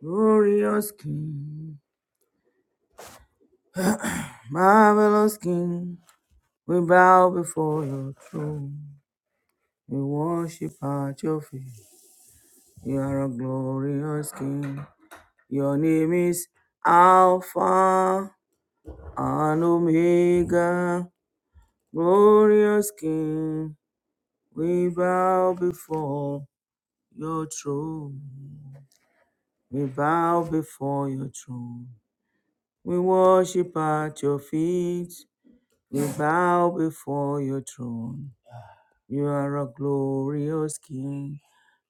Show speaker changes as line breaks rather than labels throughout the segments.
Glorious King, marvelous King, we bow before your throne. We worship at your feet. You are a glorious King. Your name is Alpha and Omega. Glorious King, we bow before your throne. We bow before your throne. We worship at your feet. We bow before your throne. You are a glorious King.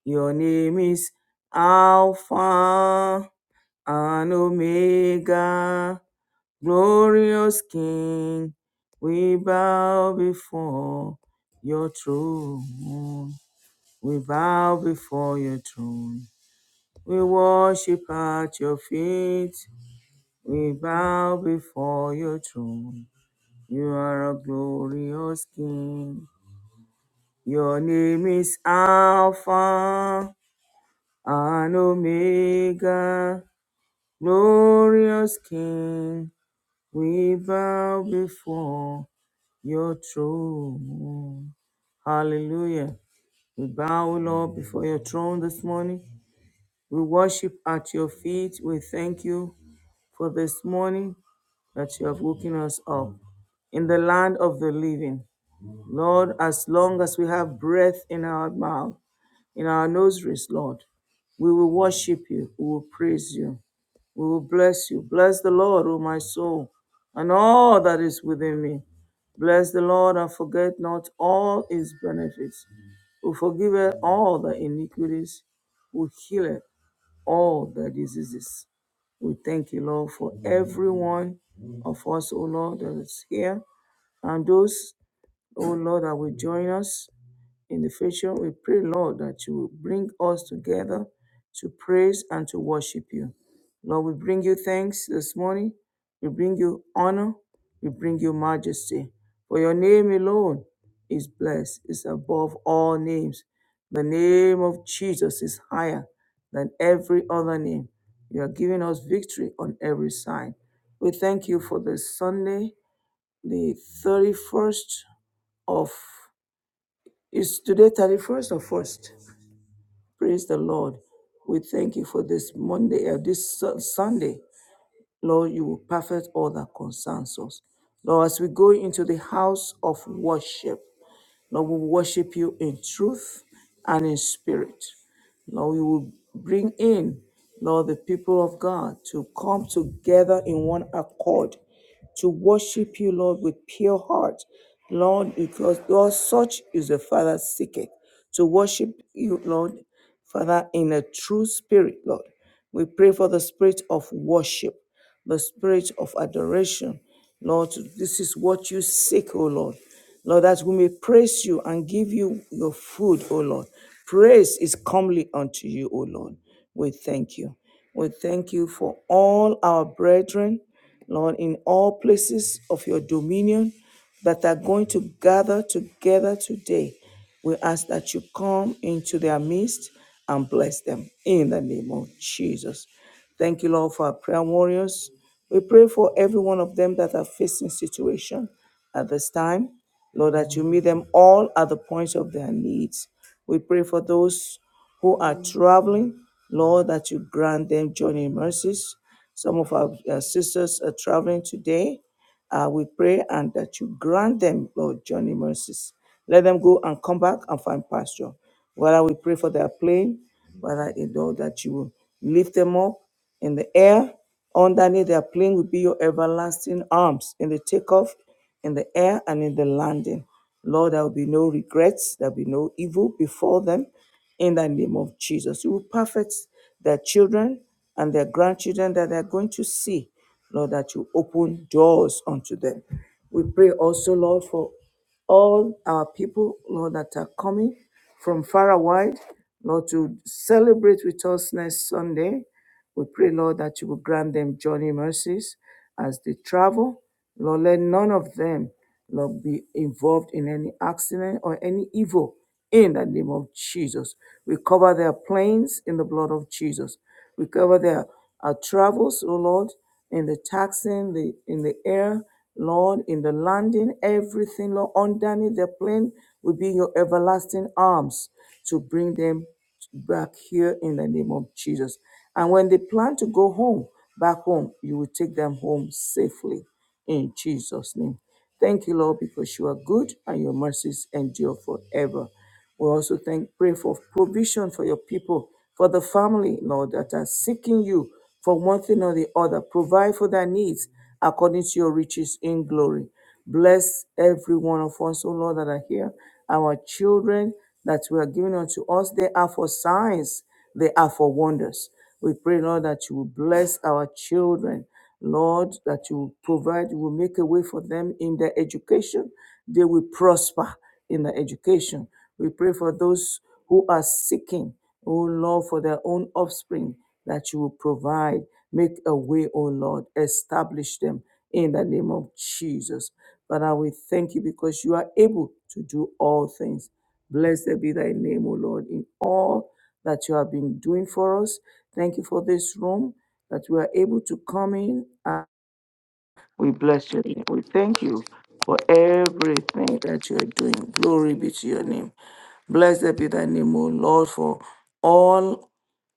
Your name is Alpha and Omega. Glorious King, we bow before your throne. We bow before your throne. We worship at your feet. We bow before your throne. You are a glorious King. Your name is Alpha and Omega, glorious King, we bow before your throne. Hallelujah. We bow, Lord, before your throne this morning. We worship at your feet. We thank you for this morning that you have woken us up in the land of the living. Lord, as long as we have breath in our mouth, in our nostrils, Lord, we will worship you, we will praise you. We will bless you. Bless the Lord, O my soul, and all that is within me. Bless the Lord and forget not all his benefits, who forgiveth all the iniquities, who healeth all the diseases. We thank you, Lord, for every one of us, O Lord, that is here, and those, O Lord, that will join us in the future. We pray, Lord, that you will bring us together to praise and to worship you. Lord, we bring you thanks this morning. We bring you honor. We bring you majesty. For your name alone is blessed, is above all names. The name of Jesus is higher than every other name. You are giving us victory on every side. We thank you for this Sunday, the 31st of is today 31st or 1st. Praise the Lord. We thank you for this Monday, uh, this Su- Sunday. Lord, you will perfect all that concerns us. Lord, as we go into the house of worship, Lord, we worship you in truth and in spirit. Lord, we will bring in, Lord, the people of God to come together in one accord to worship you, Lord, with pure heart. Lord, because Lord, such is the Father seeketh to worship you, Lord, Father, in a true spirit, Lord. We pray for the spirit of worship the spirit of adoration. Lord, this is what you seek, O Lord. Lord, that we may praise you and give you your food, O Lord. Praise is comely unto you, O Lord. We thank you. We thank you for all our brethren Lord, in all places of your dominion that are going to gather together today, we ask that you come into their midst and bless them in the name of Jesus. Thank you, Lord, for our prayer warriors. We pray for every one of them that are facing situation at this time. Lord, that you meet them all at the points of their needs. We pray for those who are traveling, Lord, that you grant them journey mercies. Some of our uh, sisters are traveling today. Uh, we pray and that you grant them, Lord, journey mercies. Let them go and come back and find pasture. While we pray for their plane, Father, you know that you will lift them up in the air. Underneath their plane will be your everlasting arms in the takeoff, in the air, and in the landing. Lord, there will be no regrets, there will be no evil before them in the name of Jesus. You will perfect their children and their grandchildren that they're going to see, Lord, that you open doors unto them. We pray also, Lord, for all our people, Lord, that are coming from far and wide, Lord, to celebrate with us next Sunday. We pray, Lord, that you will grant them journey mercies as they travel. Lord, let none of them, Lord, be involved in any accident or any evil in the name of Jesus. We cover their planes in the blood of Jesus. We cover their uh, travels, oh Lord, in the taxing, the in the air, Lord, in the landing, everything, Lord, underneath their plane will be your everlasting arms to bring them back here in the name of Jesus. And when they plan to go home, back home, you will take them home safely in Jesus' name. Thank you, Lord, because you are good and your mercies endure forever. We also thank, pray for provision for your people, for the family, Lord, that are seeking you for one thing or the other. Provide for their needs according to your riches in glory. Bless every one of us, O Lord, that are here. Our children that we are giving unto us, they are for signs, they are for wonders. We pray, Lord, that you will bless our children. Lord, that you will provide, you will make a way for them in their education. They will prosper in their education. We pray for those who are seeking, O Lord, for their own offspring, that you will provide. Make a way, O Lord. Establish them in the name of Jesus. Father, we thank you because you are able to do all things. Blessed be thy name, O Lord, in all that you have been doing for us. Thank you for this room that we are able to come in and we bless your name. We thank you for everything that you are doing. Glory be to your name. Blessed be thy name, O Lord, for all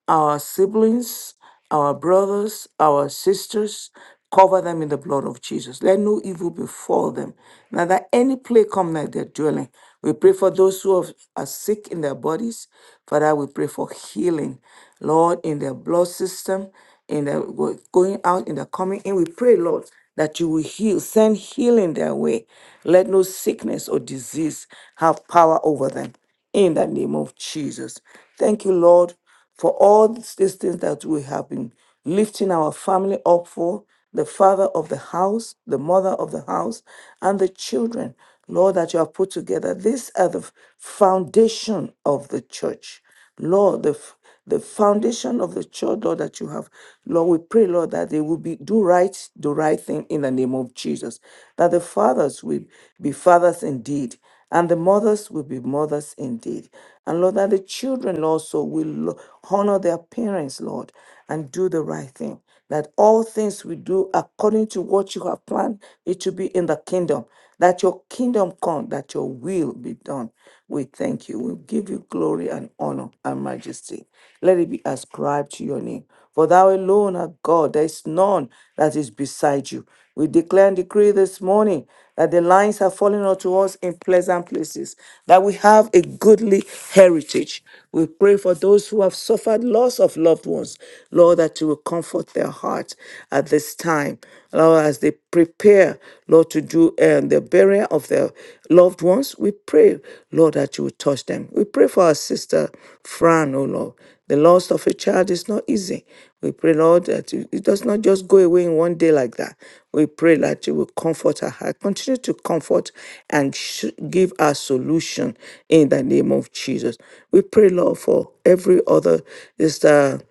our siblings, our brothers, our sisters, cover them in the blood of Jesus. Let no evil befall them. Now that any plague come near their dwelling, we pray for those who have- are sick in their bodies. Father, we pray for healing, Lord, in their blood system, in their go- going out, in their coming in. We pray, Lord, that you will heal, send healing their way. Let no sickness or disease have power over them. In the name of Jesus. Thank you, Lord for all these these things that we have been lifting our family up for, the father of the house, the mother of the house, and the children, Lord, that you have put together. These are the f- foundation of the church. Lord, the, f- the foundation of the church, Lord, that you have, Lord, we pray, Lord, that they will be do right, do right thing in the name of Jesus. That the fathers will be fathers indeed, and the mothers will be mothers indeed. And Lord, that the children also will lo- honor their parents, Lord, and do the right thing. That all things we do according to what you have planned, it should be in the kingdom. That your kingdom come, that your will be done. We thank you. We give you glory and honor and majesty. Let it be ascribed to your name. For thou alone art God. There is none that is beside you. We declare and decree this morning that the lines have fallen unto us in pleasant places, that we have a goodly heritage. We pray for those who have suffered loss of loved ones, Lord, that you will comfort their heart at this time, Lord, as they prepare, Lord, to do um, the burial of their loved ones. We pray, Lord, that you will touch them. We pray for our sister Fran, oh Lord, the loss of a child is not easy. We pray, Lord, that it it does not just go away in one day like that. We pray that you will comfort her heart. Continue to comfort and sh- give her solution in the name of Jesus. We pray, Lord, for every other sister.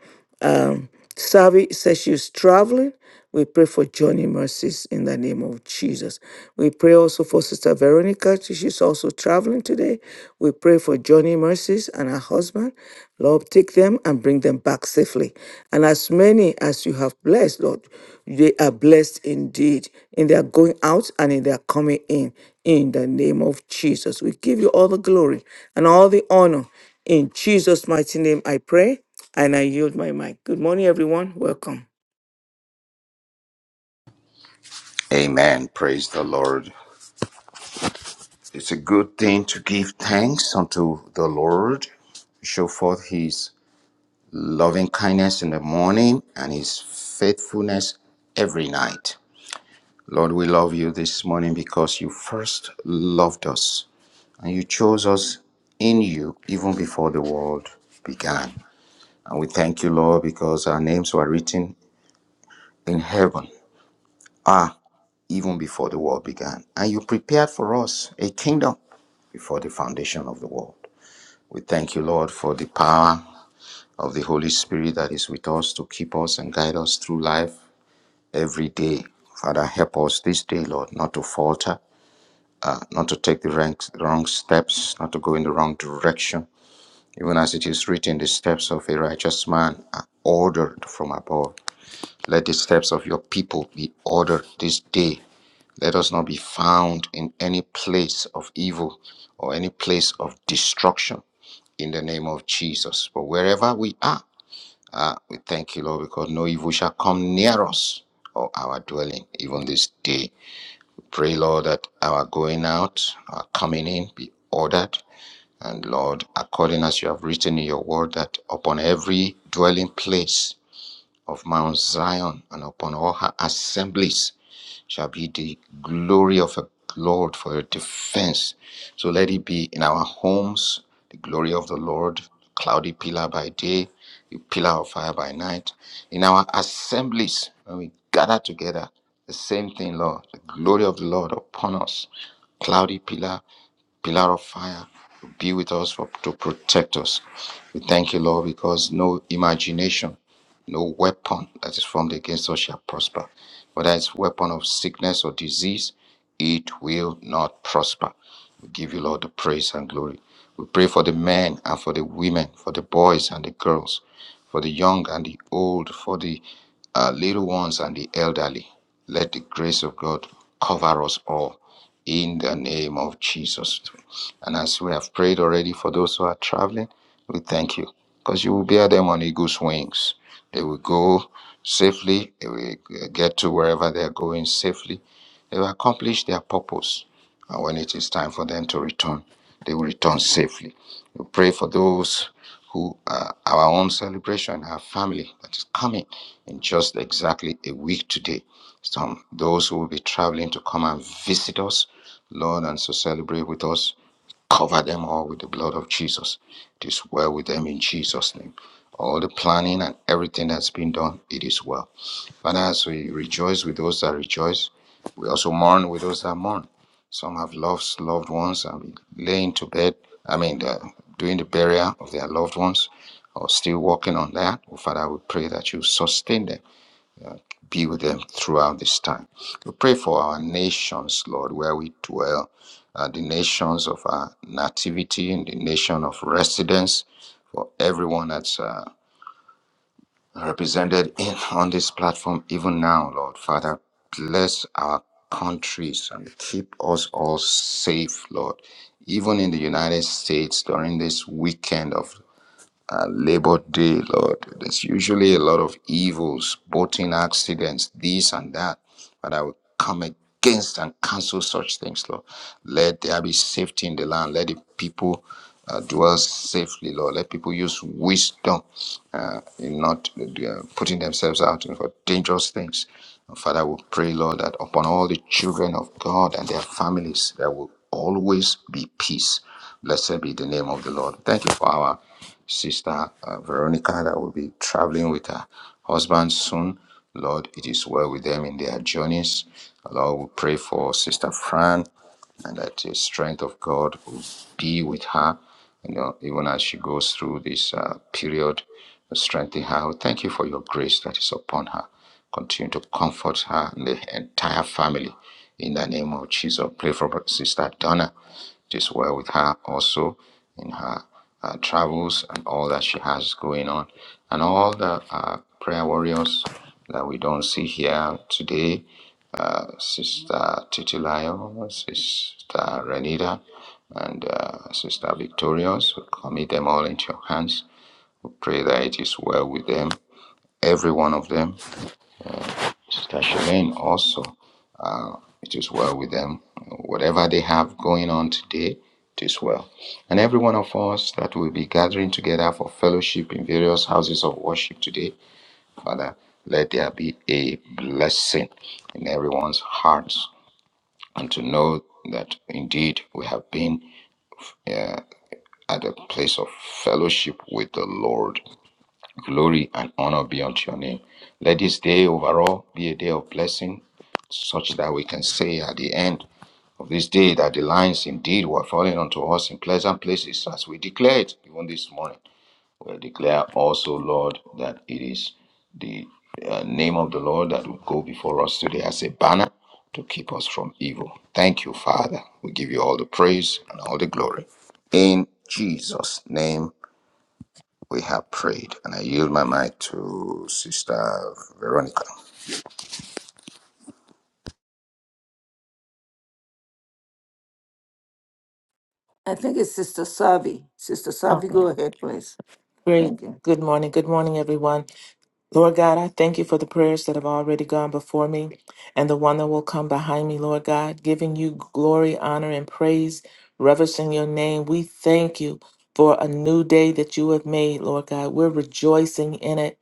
Um, Savi says she was traveling. We pray for Johnny Mercies in the name of Jesus. We pray also for Sister Veronica. She's also traveling today. We pray for Johnny Mercies and her husband. Lord, take them and bring them back safely. And as many as you have blessed, Lord, they are blessed indeed in their going out and in their coming in. In the name of Jesus, we give you all the glory and all the honor. In Jesus' mighty name, I pray. And I yield my mic. Good morning, everyone. Welcome.
Amen. Praise the Lord. It's a good thing to give thanks unto the Lord, show forth his loving kindness in the morning and his faithfulness every night. Lord, we love you this morning because you first loved us and you chose us in you even before the world began. And we thank you, Lord, because our names were written in heaven. even before the world began. And you prepared for us a kingdom before the foundation of the world. We thank you, Lord, for the power of the Holy Spirit that is with us to keep us and guide us through life every day. Father, help us this day, Lord, not to falter, not to take the wrong wrong steps, not to go in the wrong direction. Even as it is written, the steps of a righteous man are ordered from above. Let the steps of your people be ordered this day Let us not be found in any place of evil or any place of destruction in the name of Jesus. But wherever we are, we thank you, Lord, because no evil shall come near us or our dwelling, even this day. Pray, Lord, that our going out, our coming in be ordered. And Lord, according as you have written in your word, that upon every dwelling place of Mount Zion and upon all her assemblies, shall be the glory of a Lord for your defense. So let it be in our homes, the glory of the Lord, cloudy pillar by day, the pillar of fire by night. In our assemblies, when we gather together, the same thing, Lord, the glory of the Lord upon us, cloudy pillar pillar of fire to be with us, for, to protect us. We thank you, Lord, because no imagination, no weapon that is formed against us shall prosper. Whether it's weapon of sickness or disease, it will not prosper. We give you, Lord, the praise and glory. We pray for the men and for the women, for the boys and the girls, for the young and the old, for the uh, little ones and the elderly. Let the grace of God cover us all in the name of Jesus. And as we have prayed already for those who are traveling, we thank you because you will bear them on eagle's wings. They will go safely, they will get to wherever they are going safely. They will accomplish their purpose. And when it is time for them to return, they will return safely. We pray for those who are our own celebration, our family that is coming in just exactly a week today. Some those who will be traveling to come and visit us, Lord, and to celebrate with us. Cover them all with the blood of Jesus. It is well with them in Jesus' name. All the planning and everything that's been done, it is well. Father, as we rejoice with those that rejoice, we also mourn with those that mourn. Some have lost loved ones and been laying to bed, I mean, uh, doing the burial of their loved ones or still working on that. Oh, Father, we pray that you sustain them be with them throughout this time. We pray for our nations, Lord, where we dwell, uh, the nations of our nativity and the nation of residence, for everyone that's uh, represented in, on this platform, even now, Lord. Father, bless our countries and keep us all safe, Lord. Even in the United States during this weekend of uh, Labor Day, Lord. There's usually a lot of evils, boating accidents, this and that. But I will come against and cancel such things, Lord. Let there be safety in the land. Let the people uh, dwell safely, Lord. Let people use wisdom uh, in not uh, putting themselves out for dangerous things. Father, we pray, Lord, that upon all the children of God and their families, there will always be peace. Blessed be the name of the Lord. Thank you for our sister uh, Veronica that will be traveling with her husband soon. Lord, it is well with them in their journeys. Lord, we pray for Sister Fran and that the strength of God will be with her, you know, even as she goes through this uh, period, strengthen her. We Thank you for your grace that is upon her. Continue to comfort her and the entire family. In the name of Jesus, pray for Sister Donna it is well with her also in her uh, travels and all that she has going on, and all the uh, prayer warriors that we don't see here today, uh, Sister Titilayo, Sister Renita, and uh, Sister Victorious, we commit them all into your hands. We pray that it is well with them, every one of them. Sister Shalane also, It is well with them. Whatever they have going on today, it is well. And every one of us that will be gathering together for fellowship in various houses of worship today, Father, let there be a blessing in everyone's hearts and to know that indeed we have been uh, at a place of fellowship with the Lord. Glory and honor be unto your name. Let this day overall be a day of blessing, such that we can say at the end of this day that the lines indeed were falling unto us in pleasant places, as we declared even this morning. We declare also, Lord, that it is the uh, name of the Lord that will go before us today as a banner to keep us from evil. Thank you, Father. We give you all the praise and all the glory. In Jesus' name we have prayed, and I yield my mic to Sister Veronica.
I think it's Sister Savi. Sister Savi, go
Okay,
ahead, please.
great.
Thank you.
Good morning. Good morning, everyone. Lord God, I thank you for the prayers that have already gone before me and the one that will come behind me, Lord God, giving you glory, honor, and praise, reverishing your name. We thank you for a new day that you have made, Lord God. We're rejoicing in it.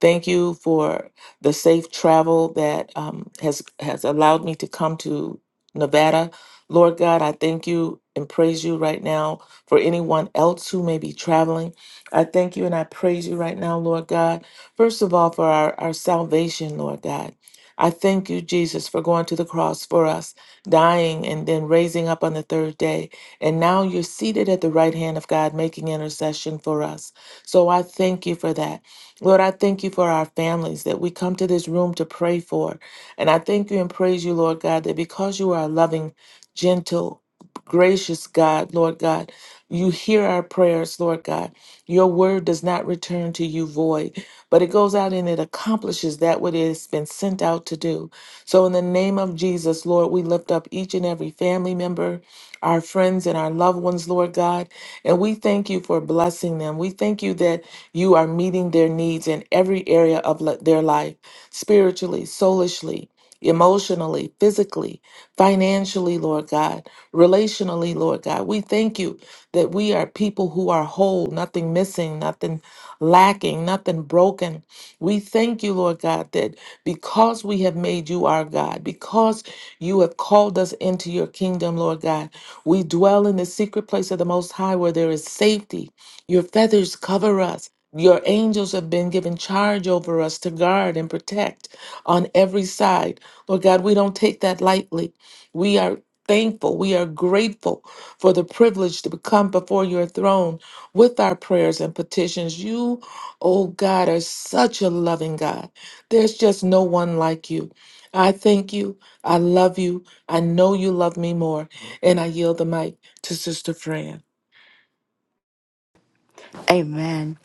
Thank you for the safe travel that um, has has allowed me to come to Nevada. Lord God, I thank you and praise you right now for anyone else who may be traveling. I thank you and I praise you right now, Lord God First of all, for our, our salvation, Lord God. I thank you, Jesus, for going to the cross for us, dying, and then raising up on the third day. And now you're seated at the right hand of God, making intercession for us. So I thank you for that. Lord, I thank you for our families that we come to this room to pray for. And I thank you and praise you, Lord God, that because you are a loving, gentle, gracious God, Lord God, you hear our prayers, Lord God. Your word does not return to you void but it goes out and it accomplishes that what it has been sent out to do. So, in the name of Jesus, Lord, we lift up each and every family member, our friends, and our loved ones, Lord God, and we thank you for blessing them. We thank you that you are meeting their needs in every area of li- their life spiritually, soulishly. Emotionally, physically, financially, Lord God, relationally, Lord God. We thank you that we are people who are whole, nothing missing, nothing lacking, nothing broken. We thank you, Lord God, that because we have made you our God, because you have called us into your kingdom, Lord God, we dwell in the secret place of the Most High where there is safety. Your feathers cover us. Your angels have been given charge over us to guard and protect on every side. Lord God, we don't take that lightly. We are thankful. We are grateful for the privilege to come before your throne with our prayers and petitions. You, oh God, are such a loving God. There's just no one like you. I thank you. I love you. I know you love me more. And I yield the mic to Sister Fran.
Amen.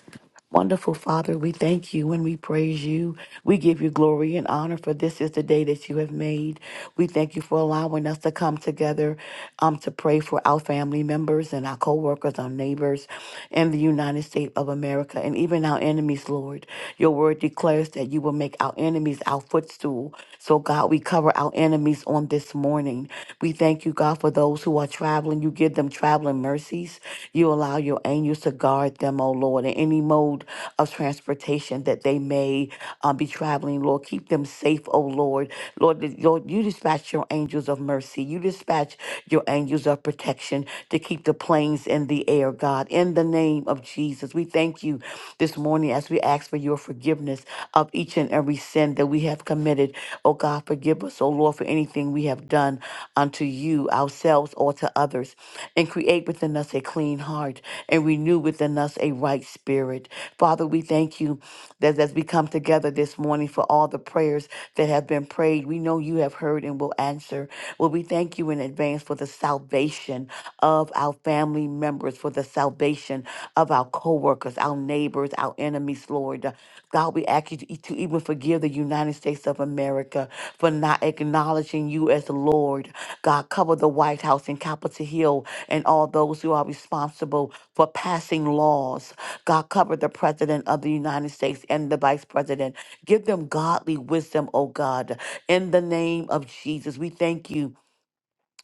Wonderful Father, we thank you and we praise you. We give you glory and honor for this is the day that you have made. We thank you for allowing us to come together um, to pray for our family members and our co-workers, our neighbors in the United States of America and even our enemies, Lord. Your word declares that you will make our enemies our footstool. So God, we cover our enemies on this morning. We thank you, God, for those who are traveling. You give them traveling mercies. You allow your angels to guard them, oh Lord, in any mode of transportation that they may uh, be traveling, Lord. Keep them safe, oh Lord. Lord, that- Lord, you dispatch your angels of mercy. You dispatch your angels of protection to keep the planes in the air, God. In the name of Jesus, we thank you this morning as we ask for for your forgiveness of each and every sin that we have committed. Oh God, forgive us, oh Lord, for anything we have done unto you, ourselves, or to others. And create within us a clean heart and renew within us a right spirit. Father, we thank you that as we come together this morning for all the prayers that have been prayed, we know you have heard and will answer. Well, we thank you in advance for the salvation salvation of our family members, for the salvation of our coworkers, our neighbors, our enemies, Lord. God, we ask you to, to even forgive the United States of America for not acknowledging you as Lord. God, cover the White House and Capitol Hill and all those who are responsible for passing laws. God, cover the President of the United States and the Vice President. Give them godly wisdom, oh God. In the name of Jesus, we thank you.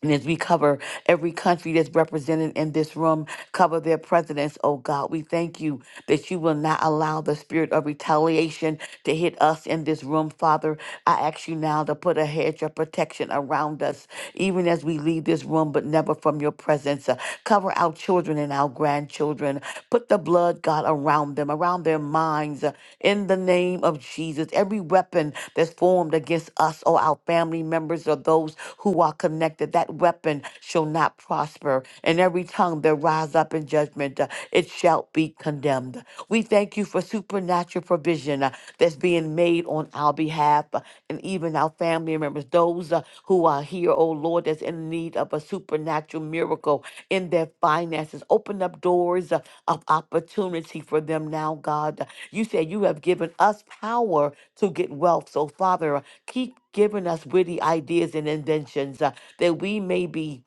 And as we cover every country that's represented in this room, cover their presidents, oh God. We thank you that you will not allow the spirit of retaliation to hit us in this room, Father. I ask you now to put a hedge of protection around us, even as we leave this room, but never from your presence. Uh, Cover our children and our grandchildren. Put the blood, God, around them, around their minds. uh, In the name of Jesus, every weapon that's formed against us or our family members or those who are connected, that weapon shall not prosper. And every tongue that rises rise up in judgment, uh, it shall be condemned. We thank you for supernatural provision uh, that's being made on our behalf uh, and even our family members, those uh, who are here, oh Lord, that's in need of a supernatural miracle in their finances. Open up doors uh, of opportunity for them now, God. You said you have given us power to get wealth. So, Father, uh, keep giving us witty ideas and inventions uh, that we may be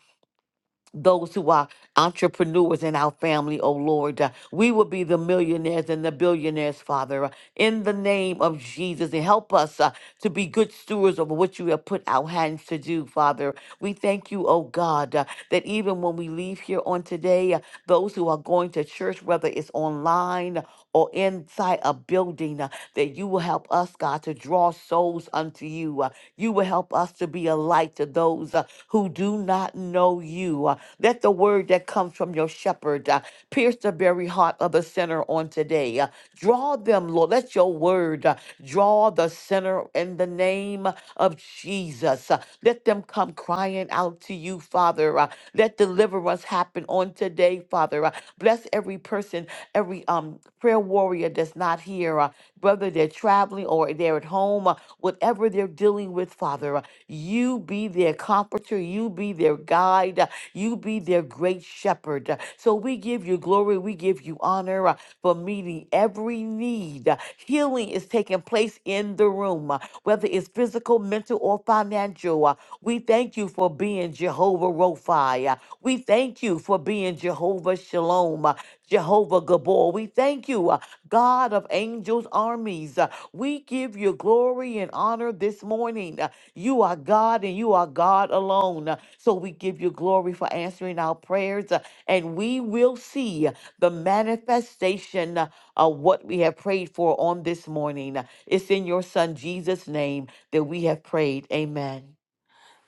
those who are entrepreneurs in our family, oh Lord. Uh, we will be the millionaires and the billionaires, Father, uh, in the name of Jesus. And help us uh, to be good stewards of what you have put our hands to do, Father. We thank you, oh God, uh, that even when we leave here on today, uh, those who are going to church, whether it's online or inside a building, uh, that you will help us, God, to draw souls unto you you. Uh, You will help us to be a light to those uh, who do not know you. Uh, Let the word that comes from your shepherd uh, pierce the very heart of the sinner on today. Uh, Draw them, Lord. Let your word uh, draw the sinner in the name of Jesus. Uh, Let them come crying out to you, Father. Uh, Let deliverance happen on today, Father. Uh, Bless every person, every um prayer warrior that's not here, uh, whether they're traveling or they're at home, uh, whatever they're dealing with, Father, uh, you be their comforter, you be their guide, uh, you be their great shepherd. uh, So we give you glory, we give you honor uh, for meeting every need. uh, Healing is taking place in the room, uh, whether it's physical, mental, or financial. uh, We thank you for being Jehovah Rophi. Yeah. We thank you for being Jehovah Shalom, uh, Jehovah Gabor. We thank you, uh, God of angels' armies. Uh, We give you glory and honor this morning. Uh, You are God and you are God alone. Uh, So we give you glory for answering our prayers, uh, and we will see uh, the manifestation uh, of what we have prayed for on this morning. Uh, It's in your Son Jesus' name that we have prayed. Amen.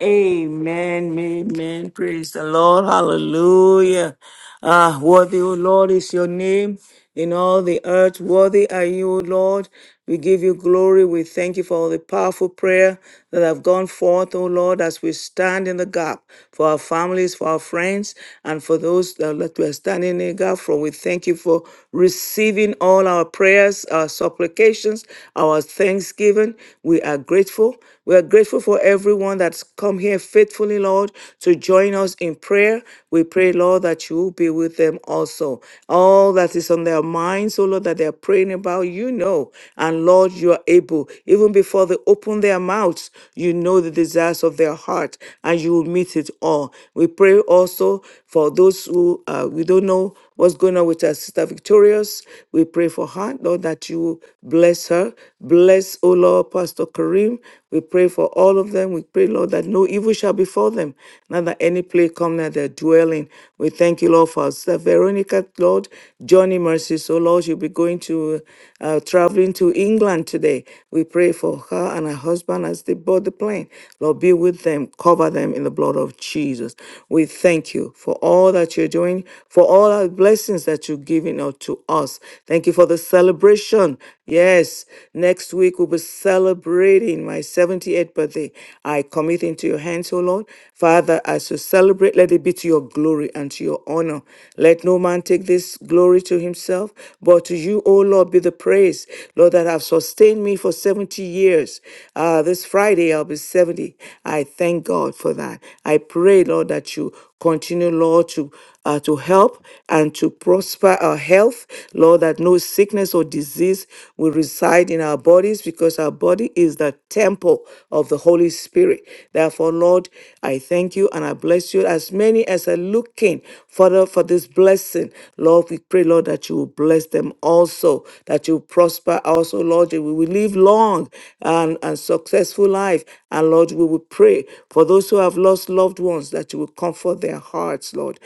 Amen, amen. Praise the Lord. Hallelujah. Ah, worthy, O Lord, is your name in all the earth. Worthy are you, O Lord. We give you glory. We thank you for all the powerful prayer that have gone forth, O Lord, as we stand in the gap for our families, for our friends, and for those that that we are standing in the gap for. We thank you for receiving all our prayers, our supplications, our thanksgiving. We are grateful. We are grateful for everyone that's come here faithfully, Lord, to join us in prayer. We pray, Lord, that you will be with them also. All that is on their minds, oh Lord, that they're praying about, you know. And Lord, you are able, even before they open their mouths, you know the desires of their heart and you will meet it all. We pray also for those who uh, we don't know what's going on with our sister Victorious. We pray for her, Lord, that you bless her Bless, O Lord, Pastor Kareem. We pray for all of them. We pray, Lord, that no evil shall befall them, not that any plague come near their dwelling. We thank you, Lord, for Sister Veronica, Lord, Johnny Mercy. So, Lord, you'll be going to uh, traveling to England today. We pray for her and her husband as they board the plane. Lord, be with them, cover them in the blood of Jesus. We thank you for all that you're doing, for all our blessings that you've given out to us. Thank you for the celebration Yes, next week we'll be celebrating my 78th birthday. I commit into your hands, O Lord. Father, as we celebrate, let it be to your glory and to your honor. Let no man take this glory to himself, but to you, O Lord, be the praise, Lord, that have sustained me for 70 years. Uh, this Friday, I'll be 70. I thank God for that. I pray, Lord, that you continue, Lord, to uh, to help and to prosper our health health, Lord, that no sickness or disease will reside in our bodies because our body is the temple of the Holy Spirit. Therefore, Lord, I thank you and I bless you. As many as are looking for, the, for this blessing, Lord, we pray, Lord, that you will bless them also, that you will prosper also, Lord, that we will live long and, and successful life. And Lord, we will pray for those who have lost loved ones that you will comfort their hearts, Lord,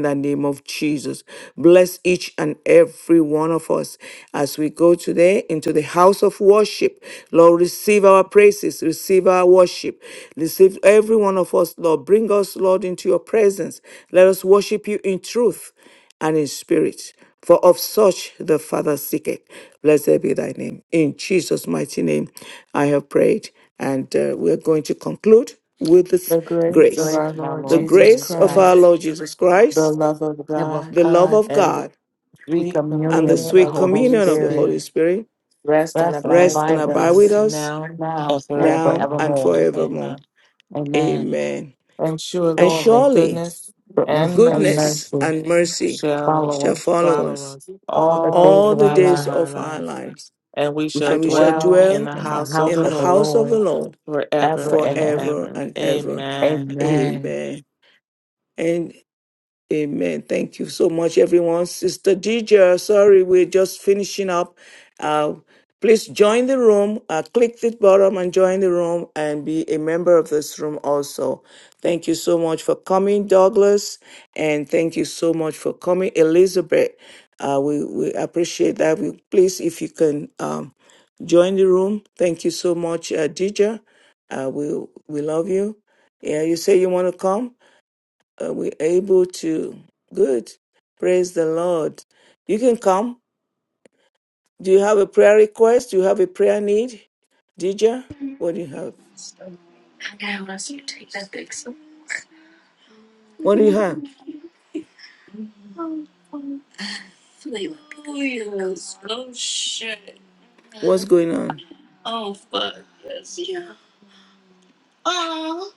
in the name of Jesus. Bless each and every one of us as we go today into the house of worship. Lord, receive our praises, receive our worship. Receive every one of us, Lord. Bring us, Lord, into your presence. Let us worship you in truth and in spirit. For of such the Father seeketh. Blessed be thy name. In Jesus' mighty name, I have prayed. And uh, we're going to conclude with this
The grace of
grace
Praise
our
my
Lord
the
Lord
Jesus
Jesus
grace of our
Christ.
Christ,
Lord Jesus
the
Christ
love of
Nib of
God,
the love
God,
of
and the
God,
free
Sweet
and the
communion
communion
with the
sweet
of the
Holy
Holy
communion of the
Spirit,
Holy
Spirit,
Spirit
rest and
bless and
rest
abide
and
abide
with
with
abide with
us
us
us
now
now
and
and
now and
forevermore.
forevermore.
forevermore.
Amen.
Amen.
Amen.
And
And
surely
Surely,
surely
goodness
goodness
and
and
mercy
goodness
mercy
and mercy
shall
follow
shall
us
follow
follow
us
us
all the
all
days
all
the
of
the
our
days
days
of
lives.
our
of our
lives,
lives,
and we
We
shall
and
should
we shall
dwell
dwell
in
dwell
the
in the
house of
in
house
the
the
of the
Lord
house of the
Lord
Lord
ever
forever
and
and
ever.
forever
ever.
and ever.
Amen.
Amen.
Amen. And. Amen. Thank you so much, everyone. Sister DJ, sorry, we're just finishing up. Uh, please join the room, uh, click the bottom and join the room and be a member of this room also. Thank you so much for coming, Douglas. And thank you so much for coming, Elizabeth. Uh, we, we appreciate that. We, please, if you can um, join the room. Thank you so much, uh, DJ. Uh, we, we love you. Yeah, you say you want to come? Are we able to? Good. Praise the Lord. You can come. Do you have a prayer request? Do you have a prayer need? Dija, what do you have? What do you have?
Oh shit.
What's going on?
Oh fuck. Yes. Yeah. Oh.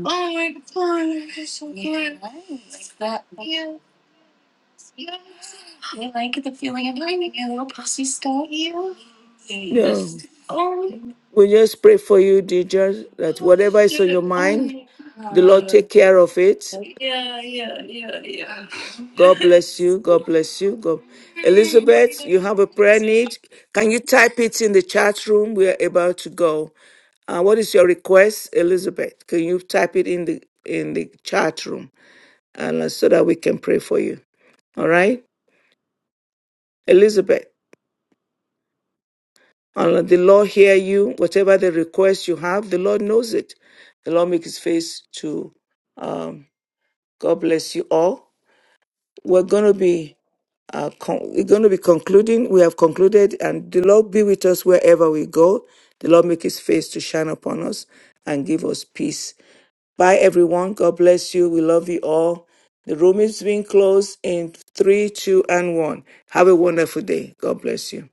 Oh my god. That's so good. Like that. Yeah. Yeah. I like the feeling of having a little pussy stuff. Yeah.
Yeah.
Yes. Oh.
We just pray for you, Dija, that
Oh
whatever is on
shit.
your
Oh
mind,
my
the Lord
god.
take care of it
Yeah. Yeah. Yeah. Yeah.
God bless you. God bless you. God. Elizabeth, you have a prayer
Yes. Mm.
need. Can you type it in the chat room? We are about to go. Uh, what is your request, Elizabeth? Can you type it in the in the chat room, and uh, so that we can pray for you? All right, Elizabeth. And let the Lord hear you. Whatever the request you have, the Lord knows it. The Lord make His face to. Um, God bless you all. We're going to be uh, con- we're going to be concluding. We have concluded, and the Lord be with us wherever we go. The Lord make His face to shine upon us and give us peace. Bye, everyone. God bless you. We love you all. The room is being closed in three, two, and one. Have a wonderful day. God bless you.